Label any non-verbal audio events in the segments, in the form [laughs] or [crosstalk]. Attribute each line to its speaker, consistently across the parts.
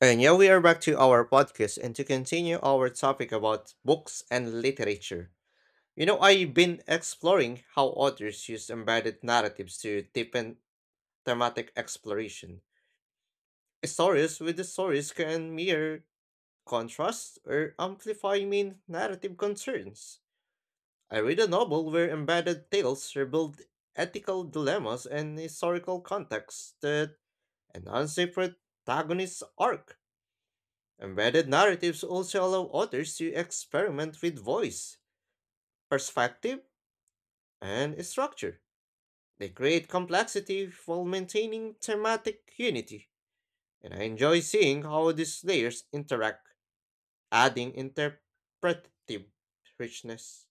Speaker 1: And yeah, we are back to our podcast and to continue our topic about books and literature. You know, I've been exploring how authors use embedded narratives to deepen thematic exploration. Stories with the stories can mirror, contrast, or amplify main narrative concerns. I read a novel where embedded tales revealed ethical dilemmas and historical contexts that enhance the protagonist's arc. Embedded narratives also allow authors to experiment with voice, perspective, and structure. They create complexity while maintaining thematic unity, and I enjoy seeing how these layers interact, adding interpretative richness.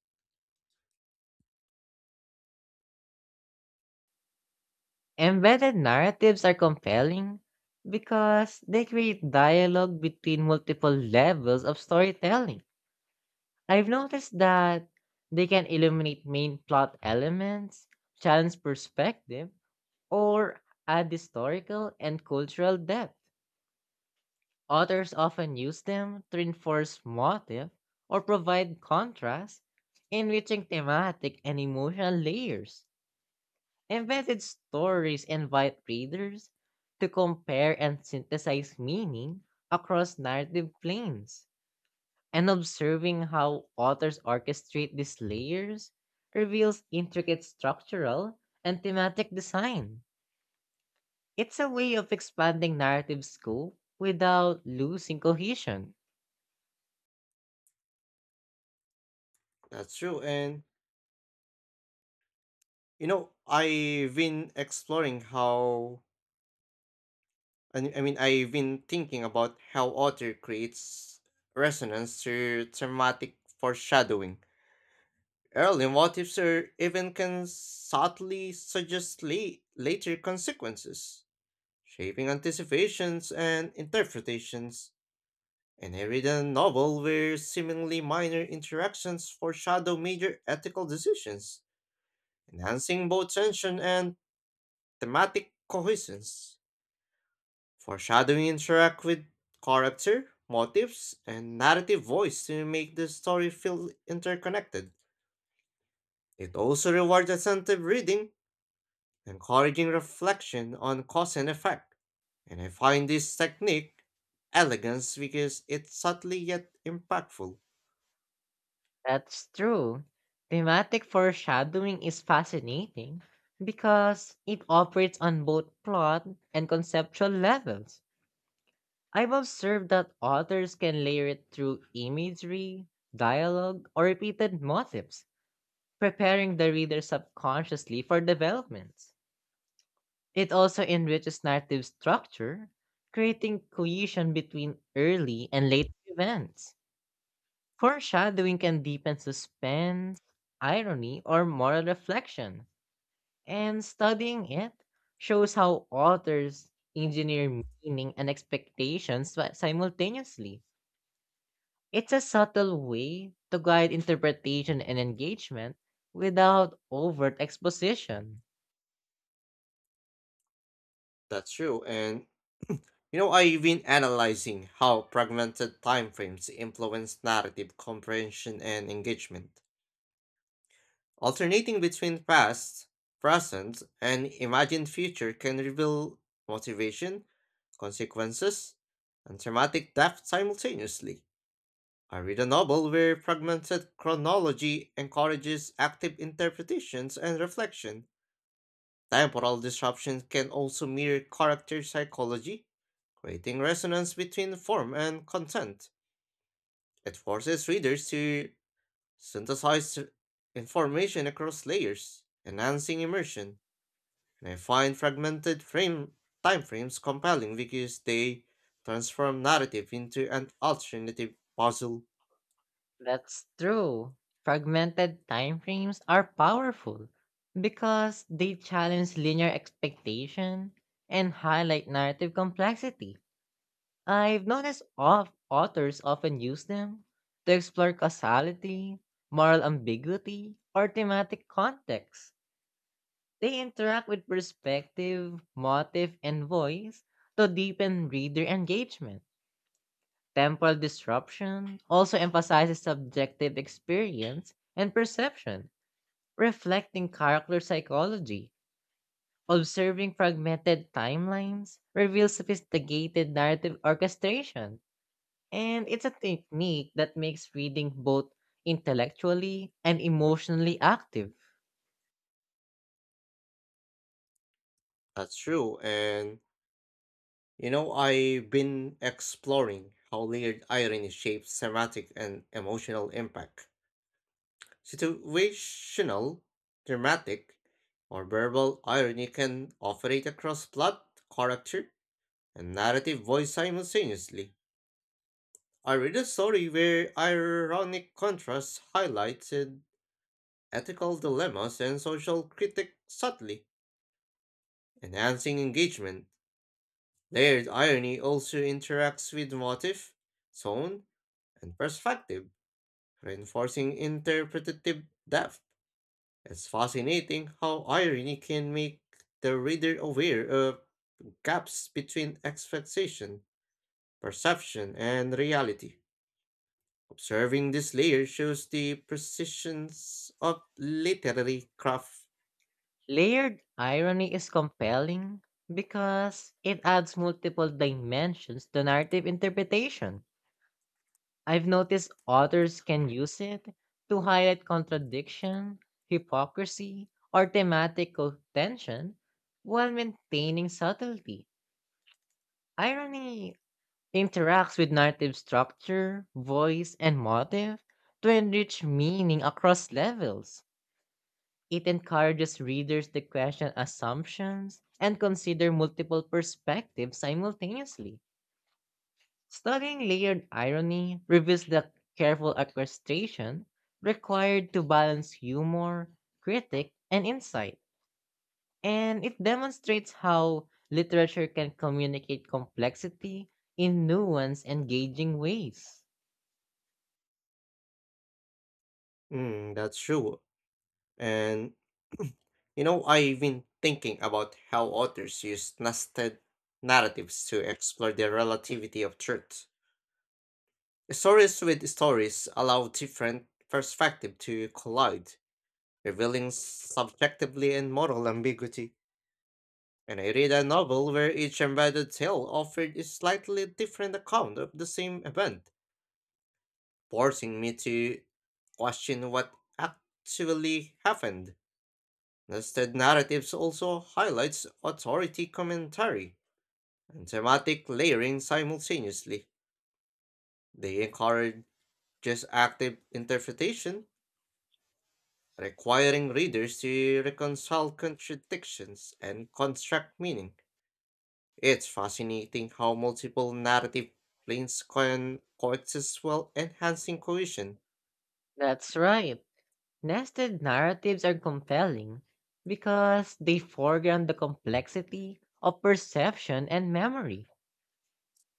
Speaker 2: Embedded narratives are compelling because they create dialogue between multiple levels of storytelling. I've noticed that they can illuminate main plot elements, challenge perspective, or add historical and cultural depth. Authors often use them to reinforce motive or provide contrast, enriching thematic and emotional layers. Invented stories invite readers to compare and synthesize meaning across narrative planes, and observing how authors orchestrate these layers reveals intricate structural and thematic design. It's a way of expanding narrative scope without losing cohesion.
Speaker 1: That's true, and you know, I've been exploring how And I mean, I've been thinking about how author creates resonance through thematic foreshadowing. Early motives or even can subtly suggest later consequences, shaping anticipations and interpretations. And I read a novel where seemingly minor interactions foreshadow major ethical decisions, enhancing both tension and thematic cohesion. Foreshadowing interact with character, motives, and narrative voice to make the story feel interconnected. It also rewards attentive reading, encouraging reflection on cause and effect. And I find this technique elegance because it's subtly yet impactful.
Speaker 2: That's true. Thematic foreshadowing is fascinating because it operates on both plot and conceptual levels. I've observed that authors can layer it through imagery, dialogue, or repeated motifs, preparing the reader subconsciously for developments. It also enriches narrative structure, creating cohesion between early and later events. Foreshadowing can deepen suspense, irony, or moral reflection, and studying it shows how authors engineer meaning and expectations simultaneously. It's a subtle way to guide interpretation and engagement without overt exposition.
Speaker 1: That's true, and you know, I've been analyzing how fragmented timeframes influence narrative comprehension and engagement. Alternating between past, present, and imagined future can reveal motivation, consequences, and thematic depth simultaneously. I read a novel where fragmented chronology encourages active interpretations and reflection. Temporal disruptions can also mirror character psychology, creating resonance between form and content. It forces readers to synthesize information across layers, enhancing immersion. And I find fragmented frame timeframes compelling because they transform narrative into an alternative puzzle.
Speaker 2: That's true. Fragmented timeframes are powerful because they challenge linear expectation and highlight narrative complexity. I've noticed of authors often use them to explore causality, moral ambiguity, or thematic context. They interact with perspective, motive, and voice to deepen reader engagement. Temporal disruption also emphasizes subjective experience and perception, reflecting character psychology. Observing fragmented timelines reveals sophisticated narrative orchestration, and it's a technique that makes reading both intellectually and emotionally active.
Speaker 1: That's true. And you know, I've been exploring how layered irony shapes thematic and emotional impact. Situational, dramatic, or verbal irony can operate across plot, character, and narrative voice simultaneously. I read a story where ironic contrast highlighted ethical dilemmas and social critique subtly, enhancing engagement. Layered irony also interacts with motif, tone, and perspective, reinforcing interpretative depth. It's fascinating how irony can make the reader aware of gaps between expectation, perception, and reality. Observing this layer shows the precisions of literary craft.
Speaker 2: Layered irony is compelling because it adds multiple dimensions to narrative interpretation. I've noticed authors can use it to highlight contradiction, hypocrisy, or thematical tension while maintaining subtlety. Irony interacts with narrative structure, voice, and motive to enrich meaning across levels. It encourages readers to question assumptions and consider multiple perspectives simultaneously. Studying layered irony reveals the careful orchestration required to balance humor, critic, and insight, and it demonstrates how literature can communicate complexity in nuanced, engaging ways.
Speaker 1: Mm, that's true. And [clears throat] you know, I've been thinking about how authors use nested narratives to explore the relativity of truth. Stories with stories allow different perspectives to collide, revealing subjectively and moral ambiguity. And I read a novel where each embedded tale offered a slightly different account of the same event, forcing me to question what actually happened. Nested narratives also highlights authority commentary and thematic layering simultaneously. They encourage just active interpretation, requiring readers to reconcile contradictions and construct meaning. It's fascinating how multiple narrative planes can coexist while enhancing cohesion.
Speaker 2: That's right. Nested narratives are compelling because they foreground the complexity of perception and memory.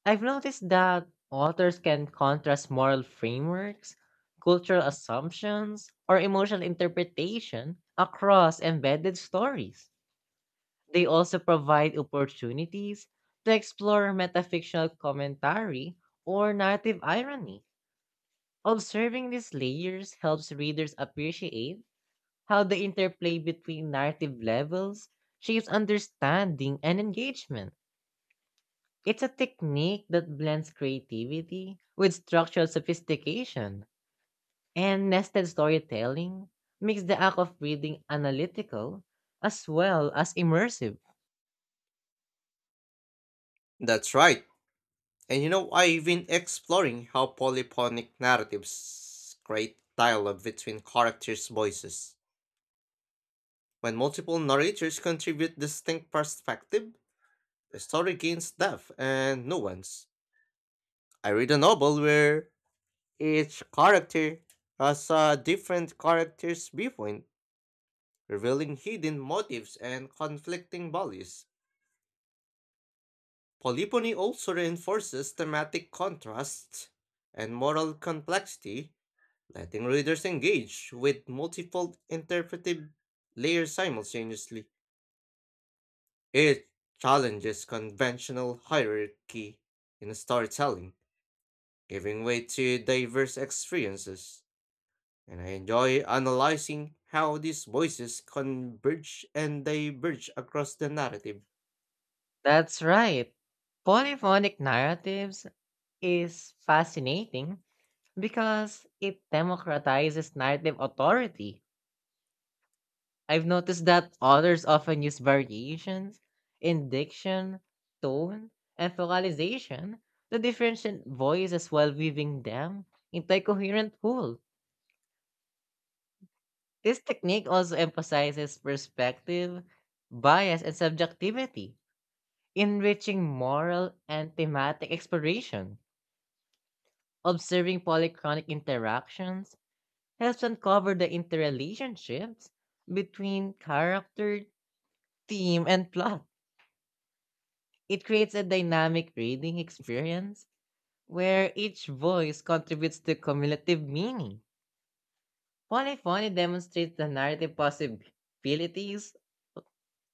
Speaker 2: I've noticed that authors can contrast moral frameworks, cultural assumptions, or emotional interpretation across embedded stories. They also provide opportunities to explore metafictional commentary or narrative irony. Observing these layers helps readers appreciate how the interplay between narrative levels shapes understanding and engagement. It's a technique that blends creativity with structural sophistication, and nested storytelling makes the act of reading analytical as well as immersive.
Speaker 1: That's right. And you know, I've been exploring how polyphonic narratives create dialogue between characters' voices. When multiple narrators contribute distinct perspective, the story gains depth and nuance. I read a novel where each character has a different character's viewpoint, revealing hidden motives and conflicting values. Polyphony also reinforces thematic contrasts and moral complexity letting readers engage with multiple interpretive layers simultaneously. It challenges conventional hierarchy in storytelling, giving way to diverse experiences, and I enjoy analyzing how these voices converge and diverge across the narrative.
Speaker 2: That's right. Polyphonic narratives is fascinating because it democratizes narrative authority. I've noticed that authors often use variations in diction, tone, and vocalization to differentiate voices while weaving them into a coherent whole. This technique also emphasizes perspective, bias, and subjectivity, enriching moral and thematic exploration. Observing polychronic interactions helps uncover the interrelationships between character, theme, and plot. It creates a dynamic reading experience where each voice contributes to cumulative meaning. Polyphony demonstrates the narrative possibilities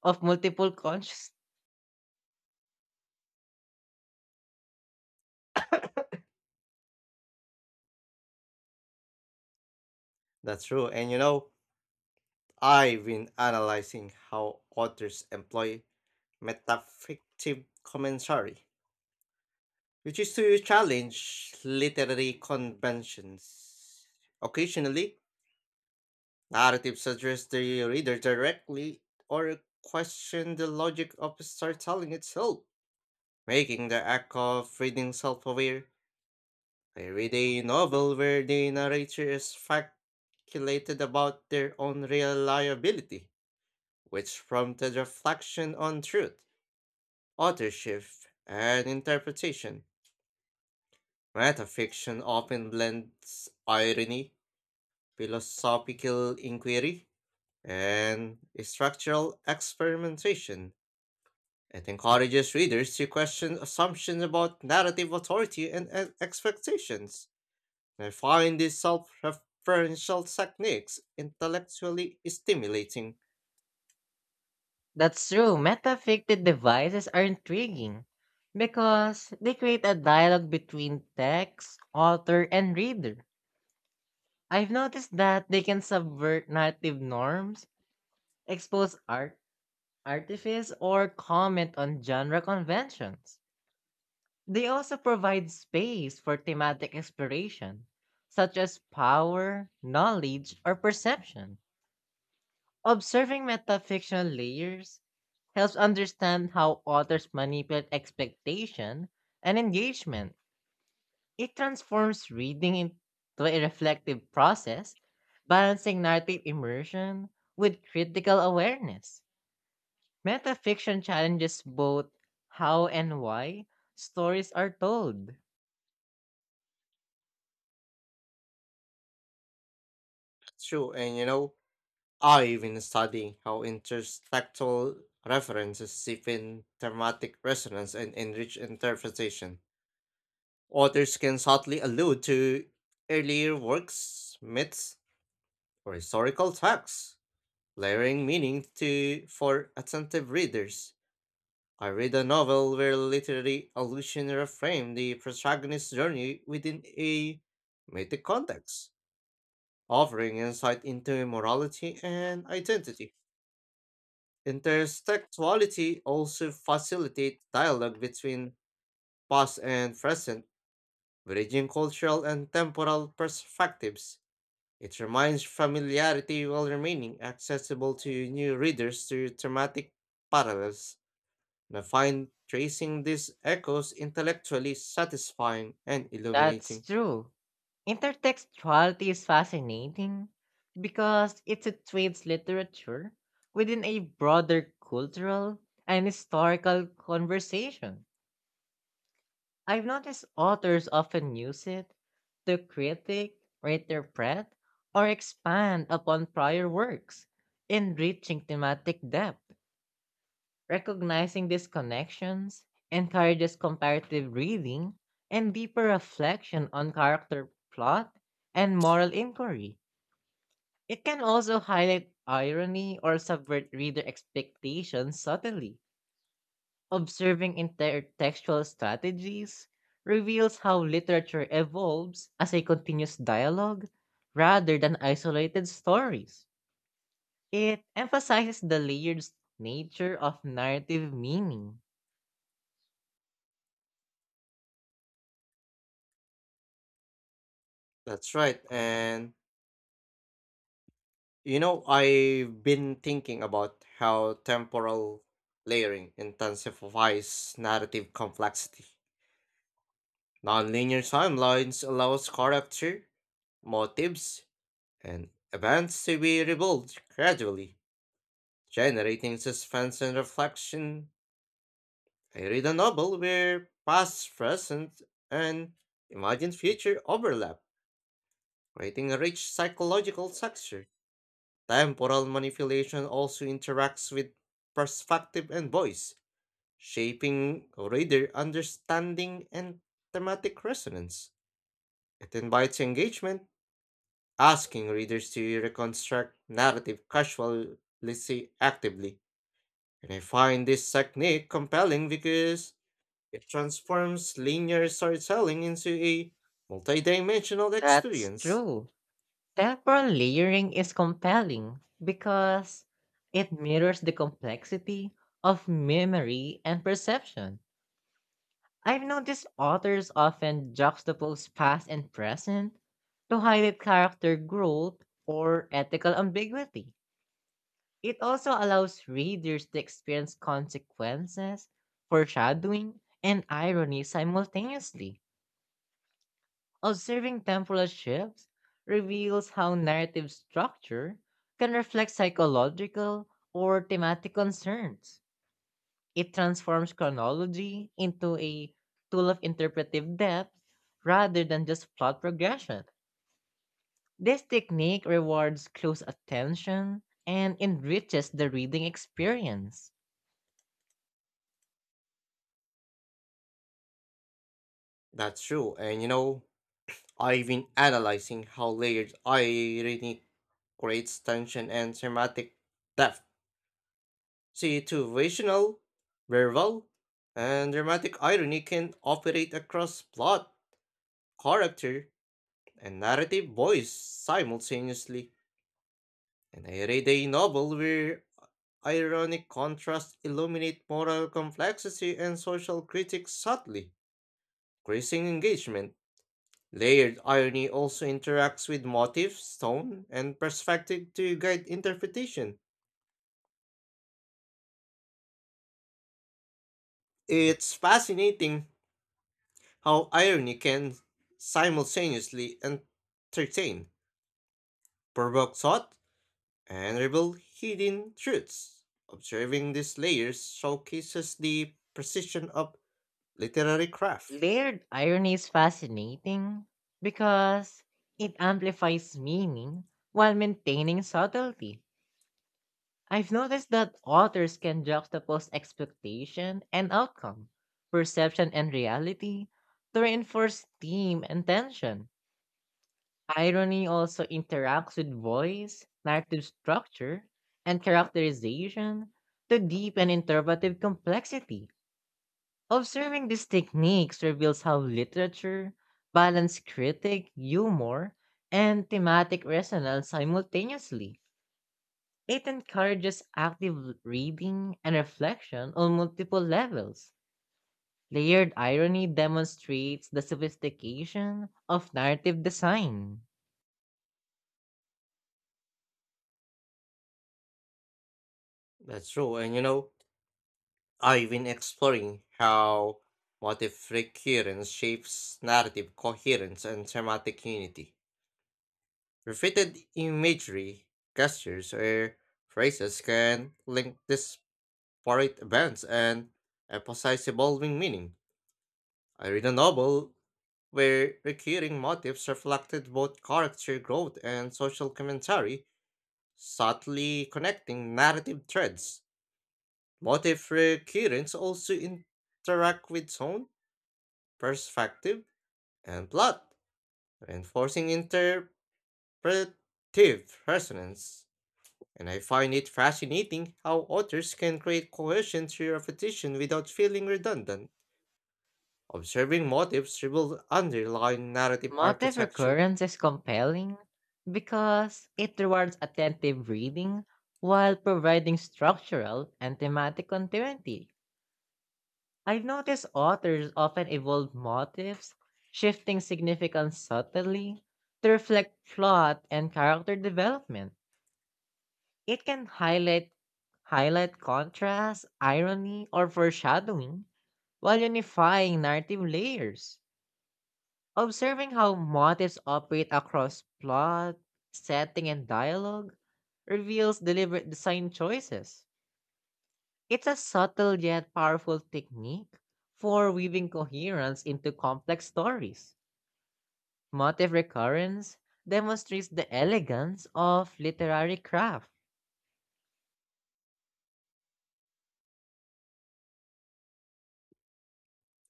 Speaker 2: of multiple consciousness.
Speaker 1: That's true, and you know, I've been analyzing how authors employ metafictive commentary which is to challenge literary conventions. Occasionally, narratives address the reader directly or question the logic of storytelling itself, making the act of reading self aware. I read a novel where the narrator is speculated about their own reliability, which prompted reflection on truth, authorship, and interpretation. Metafiction often blends irony, philosophical inquiry, and structural experimentation. It encourages readers to question assumptions about narrative authority and expectations. I find these self referential techniques intellectually stimulating.
Speaker 2: That's true. Metafictive devices are intriguing because they create a dialogue between text, author, and reader. I've noticed that they can subvert narrative norms, expose artifice, or comment on genre conventions. They also provide space for thematic exploration, such as power, knowledge, or perception. Observing metafictional layers helps understand how authors manipulate expectation and engagement. It transforms reading into a reflective process, balancing narrative immersion with critical awareness. Metafiction challenges both how and why stories are told.
Speaker 1: True, and you know, I've been studying how intertextual references deepen thematic resonance and enrich interpretation. Authors can subtly allude to earlier works, myths, or historical facts, layering meaning to for attentive readers. I read a novel where literary allusion reframed the protagonist's journey within a mythic context, offering insight into morality and identity. Intertextuality also facilitates dialogue between past and present, bridging cultural and temporal perspectives. It reminds familiarity while remaining accessible to new readers through thematic parallels, and I find tracing these echoes intellectually satisfying and
Speaker 2: That's
Speaker 1: illuminating.
Speaker 2: true. Intertextuality is fascinating because it situates literature within a broader cultural and historical conversation. I've noticed authors often use it to critique, or interpret, or expand upon prior works, enriching thematic depth. Recognizing these connections encourages comparative reading and deeper reflection on character plot and moral inquiry. It can also highlight irony or subvert reader expectations subtly. Observing intertextual strategies reveals how literature evolves as a continuous dialogue rather than isolated stories. It emphasizes the layered nature of narrative meaning.
Speaker 1: That's right, and you know, I've been thinking about how temporal layering intensifies narrative complexity. Nonlinear timelines allows character, motives, and events to be rebuilt gradually generating suspense and reflection. I read a novel where past, present, and imagined future overlap, creating a rich psychological texture. Temporal manipulation also interacts with perspective and voice, shaping reader understanding and thematic resonance. It invites engagement, asking readers to reconstruct narrative casually actively. And I find this technique compelling because it transforms linear storytelling into a multidimensional
Speaker 2: That's
Speaker 1: experience.
Speaker 2: true. Temporal layering is compelling because it mirrors the complexity of memory and perception. I've noticed authors often juxtapose past and present to highlight character growth or ethical ambiguity. It also allows readers to experience consequences, foreshadowing, and irony simultaneously. Observing temporal shifts reveals how narrative structure can reflect psychological or thematic concerns. It transforms chronology into a tool of interpretive depth rather than just plot progression. This technique rewards close attention and enriches the reading experience.
Speaker 1: That's true, and you know, I've been analyzing how layered irony creates tension and thematic depth. See, situational, verbal, and dramatic irony can operate across plot, character, and narrative voice simultaneously. And I read a novel where ironic contrasts illuminate moral complexity and social critics subtly, increasing engagement. Layered irony also interacts with motif, tone, and perspective to guide interpretation. It's fascinating how irony can simultaneously entertain, provoke thought, and reveal hidden truths. Observing these layers showcases the precision of literary craft.
Speaker 2: Layered irony is fascinating because it amplifies meaning while maintaining subtlety. I've noticed that authors can juxtapose expectation and outcome, perception and reality to reinforce theme and tension. Irony also interacts with voice, narrative structure, and characterization to deepen interpretive complexity. Observing these techniques reveals how literature balances critic, humor, and thematic resonance simultaneously. It encourages active reading and reflection on multiple levels. Layered irony demonstrates the sophistication of narrative design.
Speaker 1: That's true, and you know, I've been exploring how motif recurrence shapes narrative coherence and thematic unity. Repeated imagery, gestures, or phrases can link disparate events and emphasize evolving meaning. I read a novel where recurring motifs reflected both character growth and social commentary, subtly connecting narrative threads. Motif recurrence also interact with tone, perspective, and plot, reinforcing interpretive resonance. And I find it fascinating how authors can create cohesion through repetition without feeling redundant. Observing motifs reveals underlying narrative
Speaker 2: Motive
Speaker 1: architecture.
Speaker 2: recurrence is compelling because it rewards attentive reading while providing structural and thematic continuity. I've noticed authors often evolve motifs, shifting significance subtly to reflect plot and character development. It can highlight contrast, irony, or foreshadowing while unifying narrative layers. Observing how motifs operate across plot, setting, and dialogue reveals deliberate design choices. It's a subtle yet powerful technique for weaving coherence into complex stories. Motif recurrence demonstrates the elegance of literary craft.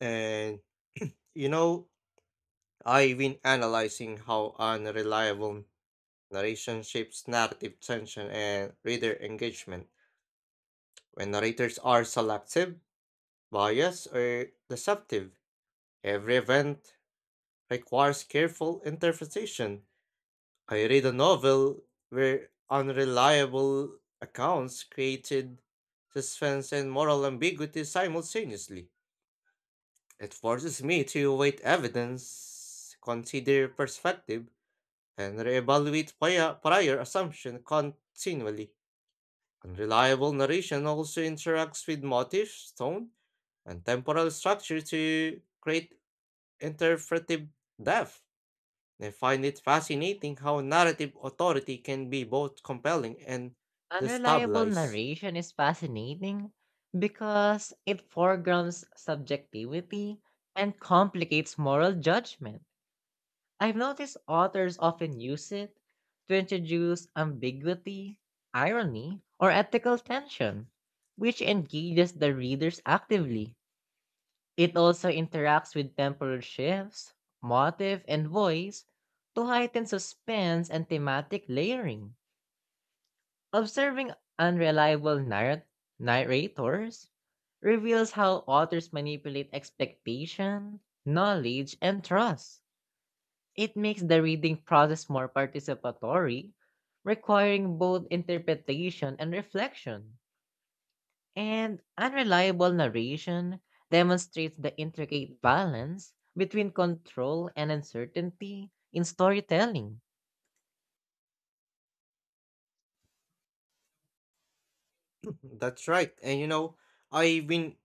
Speaker 1: And you know, I've been analyzing how unreliable narration shapes narrative tension and reader engagement. When narrators are selective, biased, or deceptive, every event requires careful interpretation. I read a novel where unreliable accounts created suspense and moral ambiguity simultaneously. It forces me to weigh evidence, consider perspective, and reevaluate prior assumption continually. Unreliable narration also interacts with motive, tone, and temporal structure to create interpretive depth. I find it fascinating how narrative authority can be both compelling and
Speaker 2: Unreliable
Speaker 1: destabilize.
Speaker 2: narration is fascinating because it foregrounds subjectivity and complicates moral judgment. I've noticed authors often use it to introduce ambiguity, irony, or ethical tension, which engages the readers actively. It also interacts with temporal shifts, motive, and voice to heighten suspense and thematic layering. Observing unreliable narrat- narrators reveals how authors manipulate expectation, knowledge, and trust. It makes the reading process more participatory, requiring both interpretation and reflection. And unreliable narration demonstrates the intricate balance between control and uncertainty in storytelling.
Speaker 1: [laughs] That's right. And you know, I've been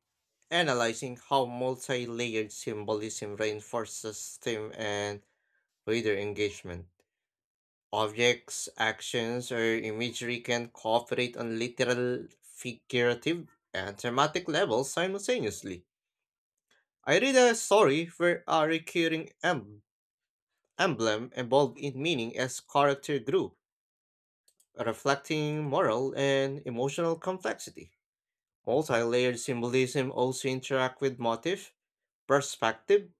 Speaker 1: analyzing how multi-layered symbolism reinforces theme and reader engagement. Objects, actions, or imagery can cooperate on literal, figurative, and thematic levels simultaneously. I read a story where a recurring emblem evolved in meaning as character grew, reflecting moral and emotional complexity. Multi-layered symbolism also interact with motif, perspective,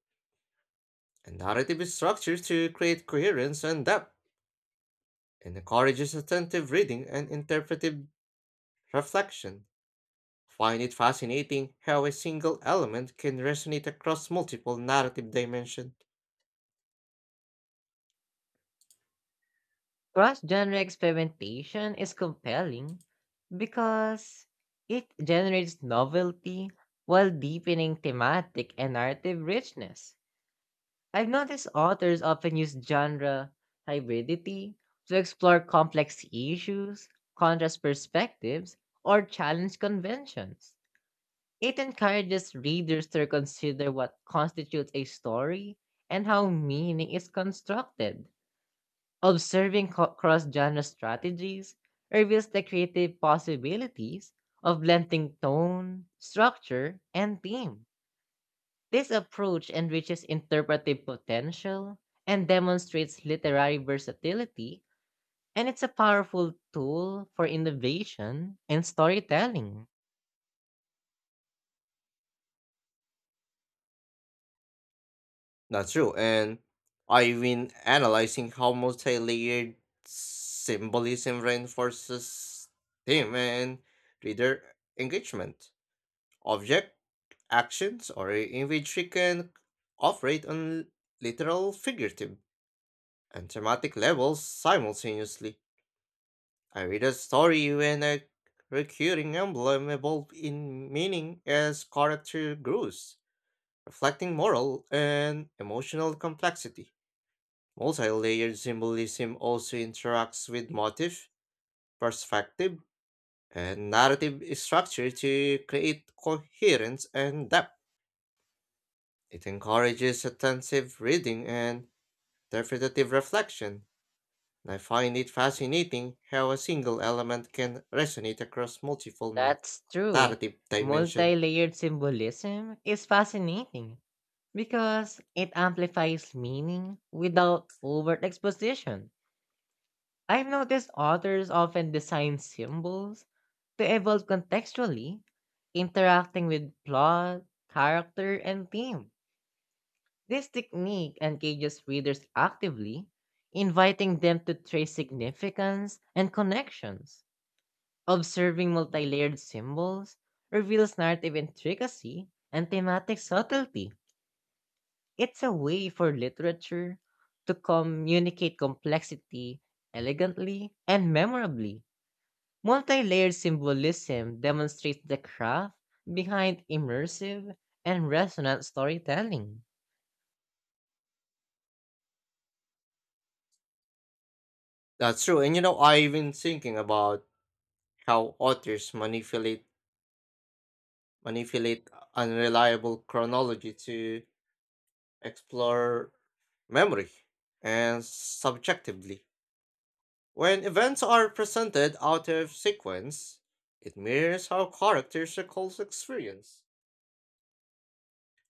Speaker 1: and narrative structure to create coherence and depth, and encourages attentive reading and interpretive reflection. Find it fascinating how a single element can resonate across multiple narrative dimensions.
Speaker 2: Cross genre experimentation is compelling because it generates novelty while deepening thematic and narrative richness. I've noticed authors often use genre hybridity to explore complex issues, contrast perspectives, or challenge conventions. It encourages readers to reconsider what constitutes a story and how meaning is constructed. Observing cross genre strategies reveals the creative possibilities of blending tone, structure, and theme. This approach enriches interpretive potential and demonstrates literary versatility, and it's a powerful tool for innovation and storytelling.
Speaker 1: That's true, and I've been analyzing how multi-layered symbolism reinforces theme and reader engagement. Object, actions, or imagery can operate on literal, figurative, and thematic levels simultaneously. I read a story when a recurring emblem evolved in meaning as character grows, reflecting moral and emotional complexity. Multi-layered symbolism also interacts with motif, perspective, and narrative structure to create coherence and depth. It encourages attentive reading and interpretative reflection, and I find it fascinating how a single element can resonate across multiple
Speaker 2: That's true.
Speaker 1: narrative
Speaker 2: Multi
Speaker 1: dimensions.
Speaker 2: layered symbolism is fascinating because it amplifies meaning without overt exposition. I've noticed authors often design symbols to evolve contextually, interacting with plot, character, and theme. This technique engages readers actively, inviting them to trace significance and connections. Observing multi-layered symbols reveals narrative intricacy and thematic subtlety. It's a way for literature to communicate complexity elegantly and memorably. Multi-layered symbolism demonstrates the craft behind immersive and resonant storytelling.
Speaker 1: That's true, and you know I've been thinking about how authors manipulate unreliable chronology to explore memory, and subjectively. When events are presented out of sequence, it mirrors how characters recall experience,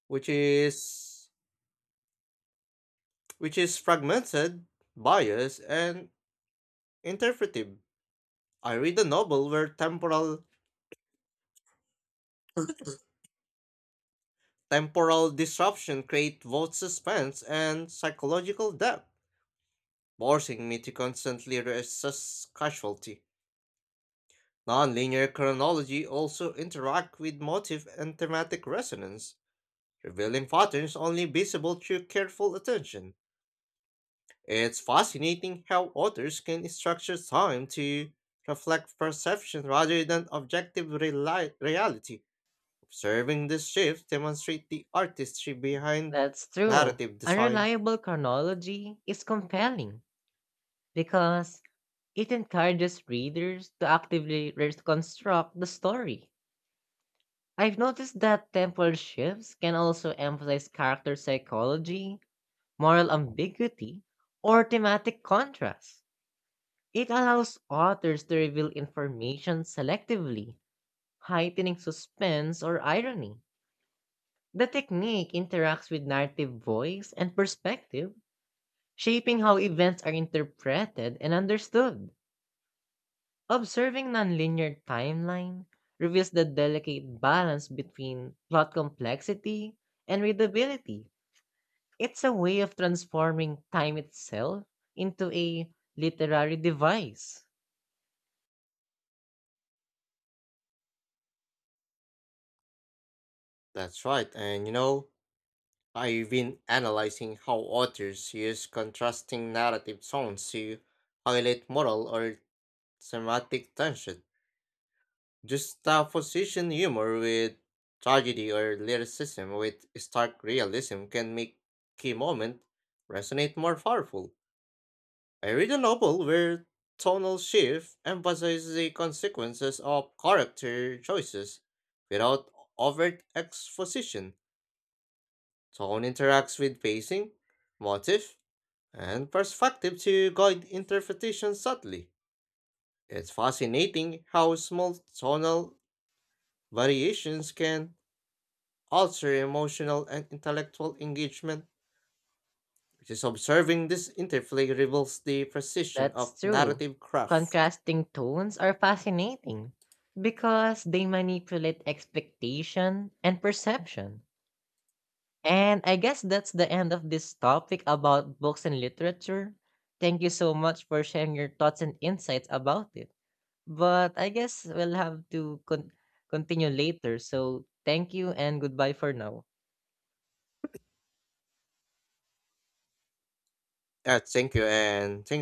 Speaker 1: which is which is fragmented, biased, and interpretive. I read a novel where temporal disruption creates both suspense and psychological depth, forcing me to constantly reassess casualty. Nonlinear chronology also interact with motive and thematic resonance revealing patterns only visible through careful attention. It's fascinating how authors can structure time to reflect perception rather than objective reality. Observing this shift demonstrates the artistry behind
Speaker 2: That's true.
Speaker 1: narrative design.
Speaker 2: Unreliable chronology is compelling because it encourages readers to actively reconstruct the story. I've noticed that temporal shifts can also emphasize character psychology, moral ambiguity, or thematic contrast. It allows authors to reveal information selectively, heightening suspense or irony. The technique interacts with narrative voice and perspective, shaping how events are interpreted and understood. Observing nonlinear timeline reveals the delicate balance between plot complexity and readability. It's a way of transforming time itself into a literary device.
Speaker 1: That's right, and you know, I've been analyzing how authors use contrasting narrative tones to highlight moral or thematic tension. Just humor with tragedy or lyricism with stark realism can make key moments resonate more powerful. I read a novel where tonal shift emphasizes the consequences of character choices without overt exposition. Tone interacts with pacing, motif, and perspective to guide interpretation subtly. It's fascinating how small tonal variations can alter emotional and intellectual engagement. Just observing this interplay reveals the precision
Speaker 2: That's
Speaker 1: of
Speaker 2: true.
Speaker 1: narrative craft.
Speaker 2: Contrasting tones are fascinating because they manipulate expectation and perception. And I guess that's the end of this topic about books and literature. Thank you so much for sharing your thoughts and insights about it. But I guess we'll have to continue later. So thank you and goodbye for now.
Speaker 1: Thank you, and thank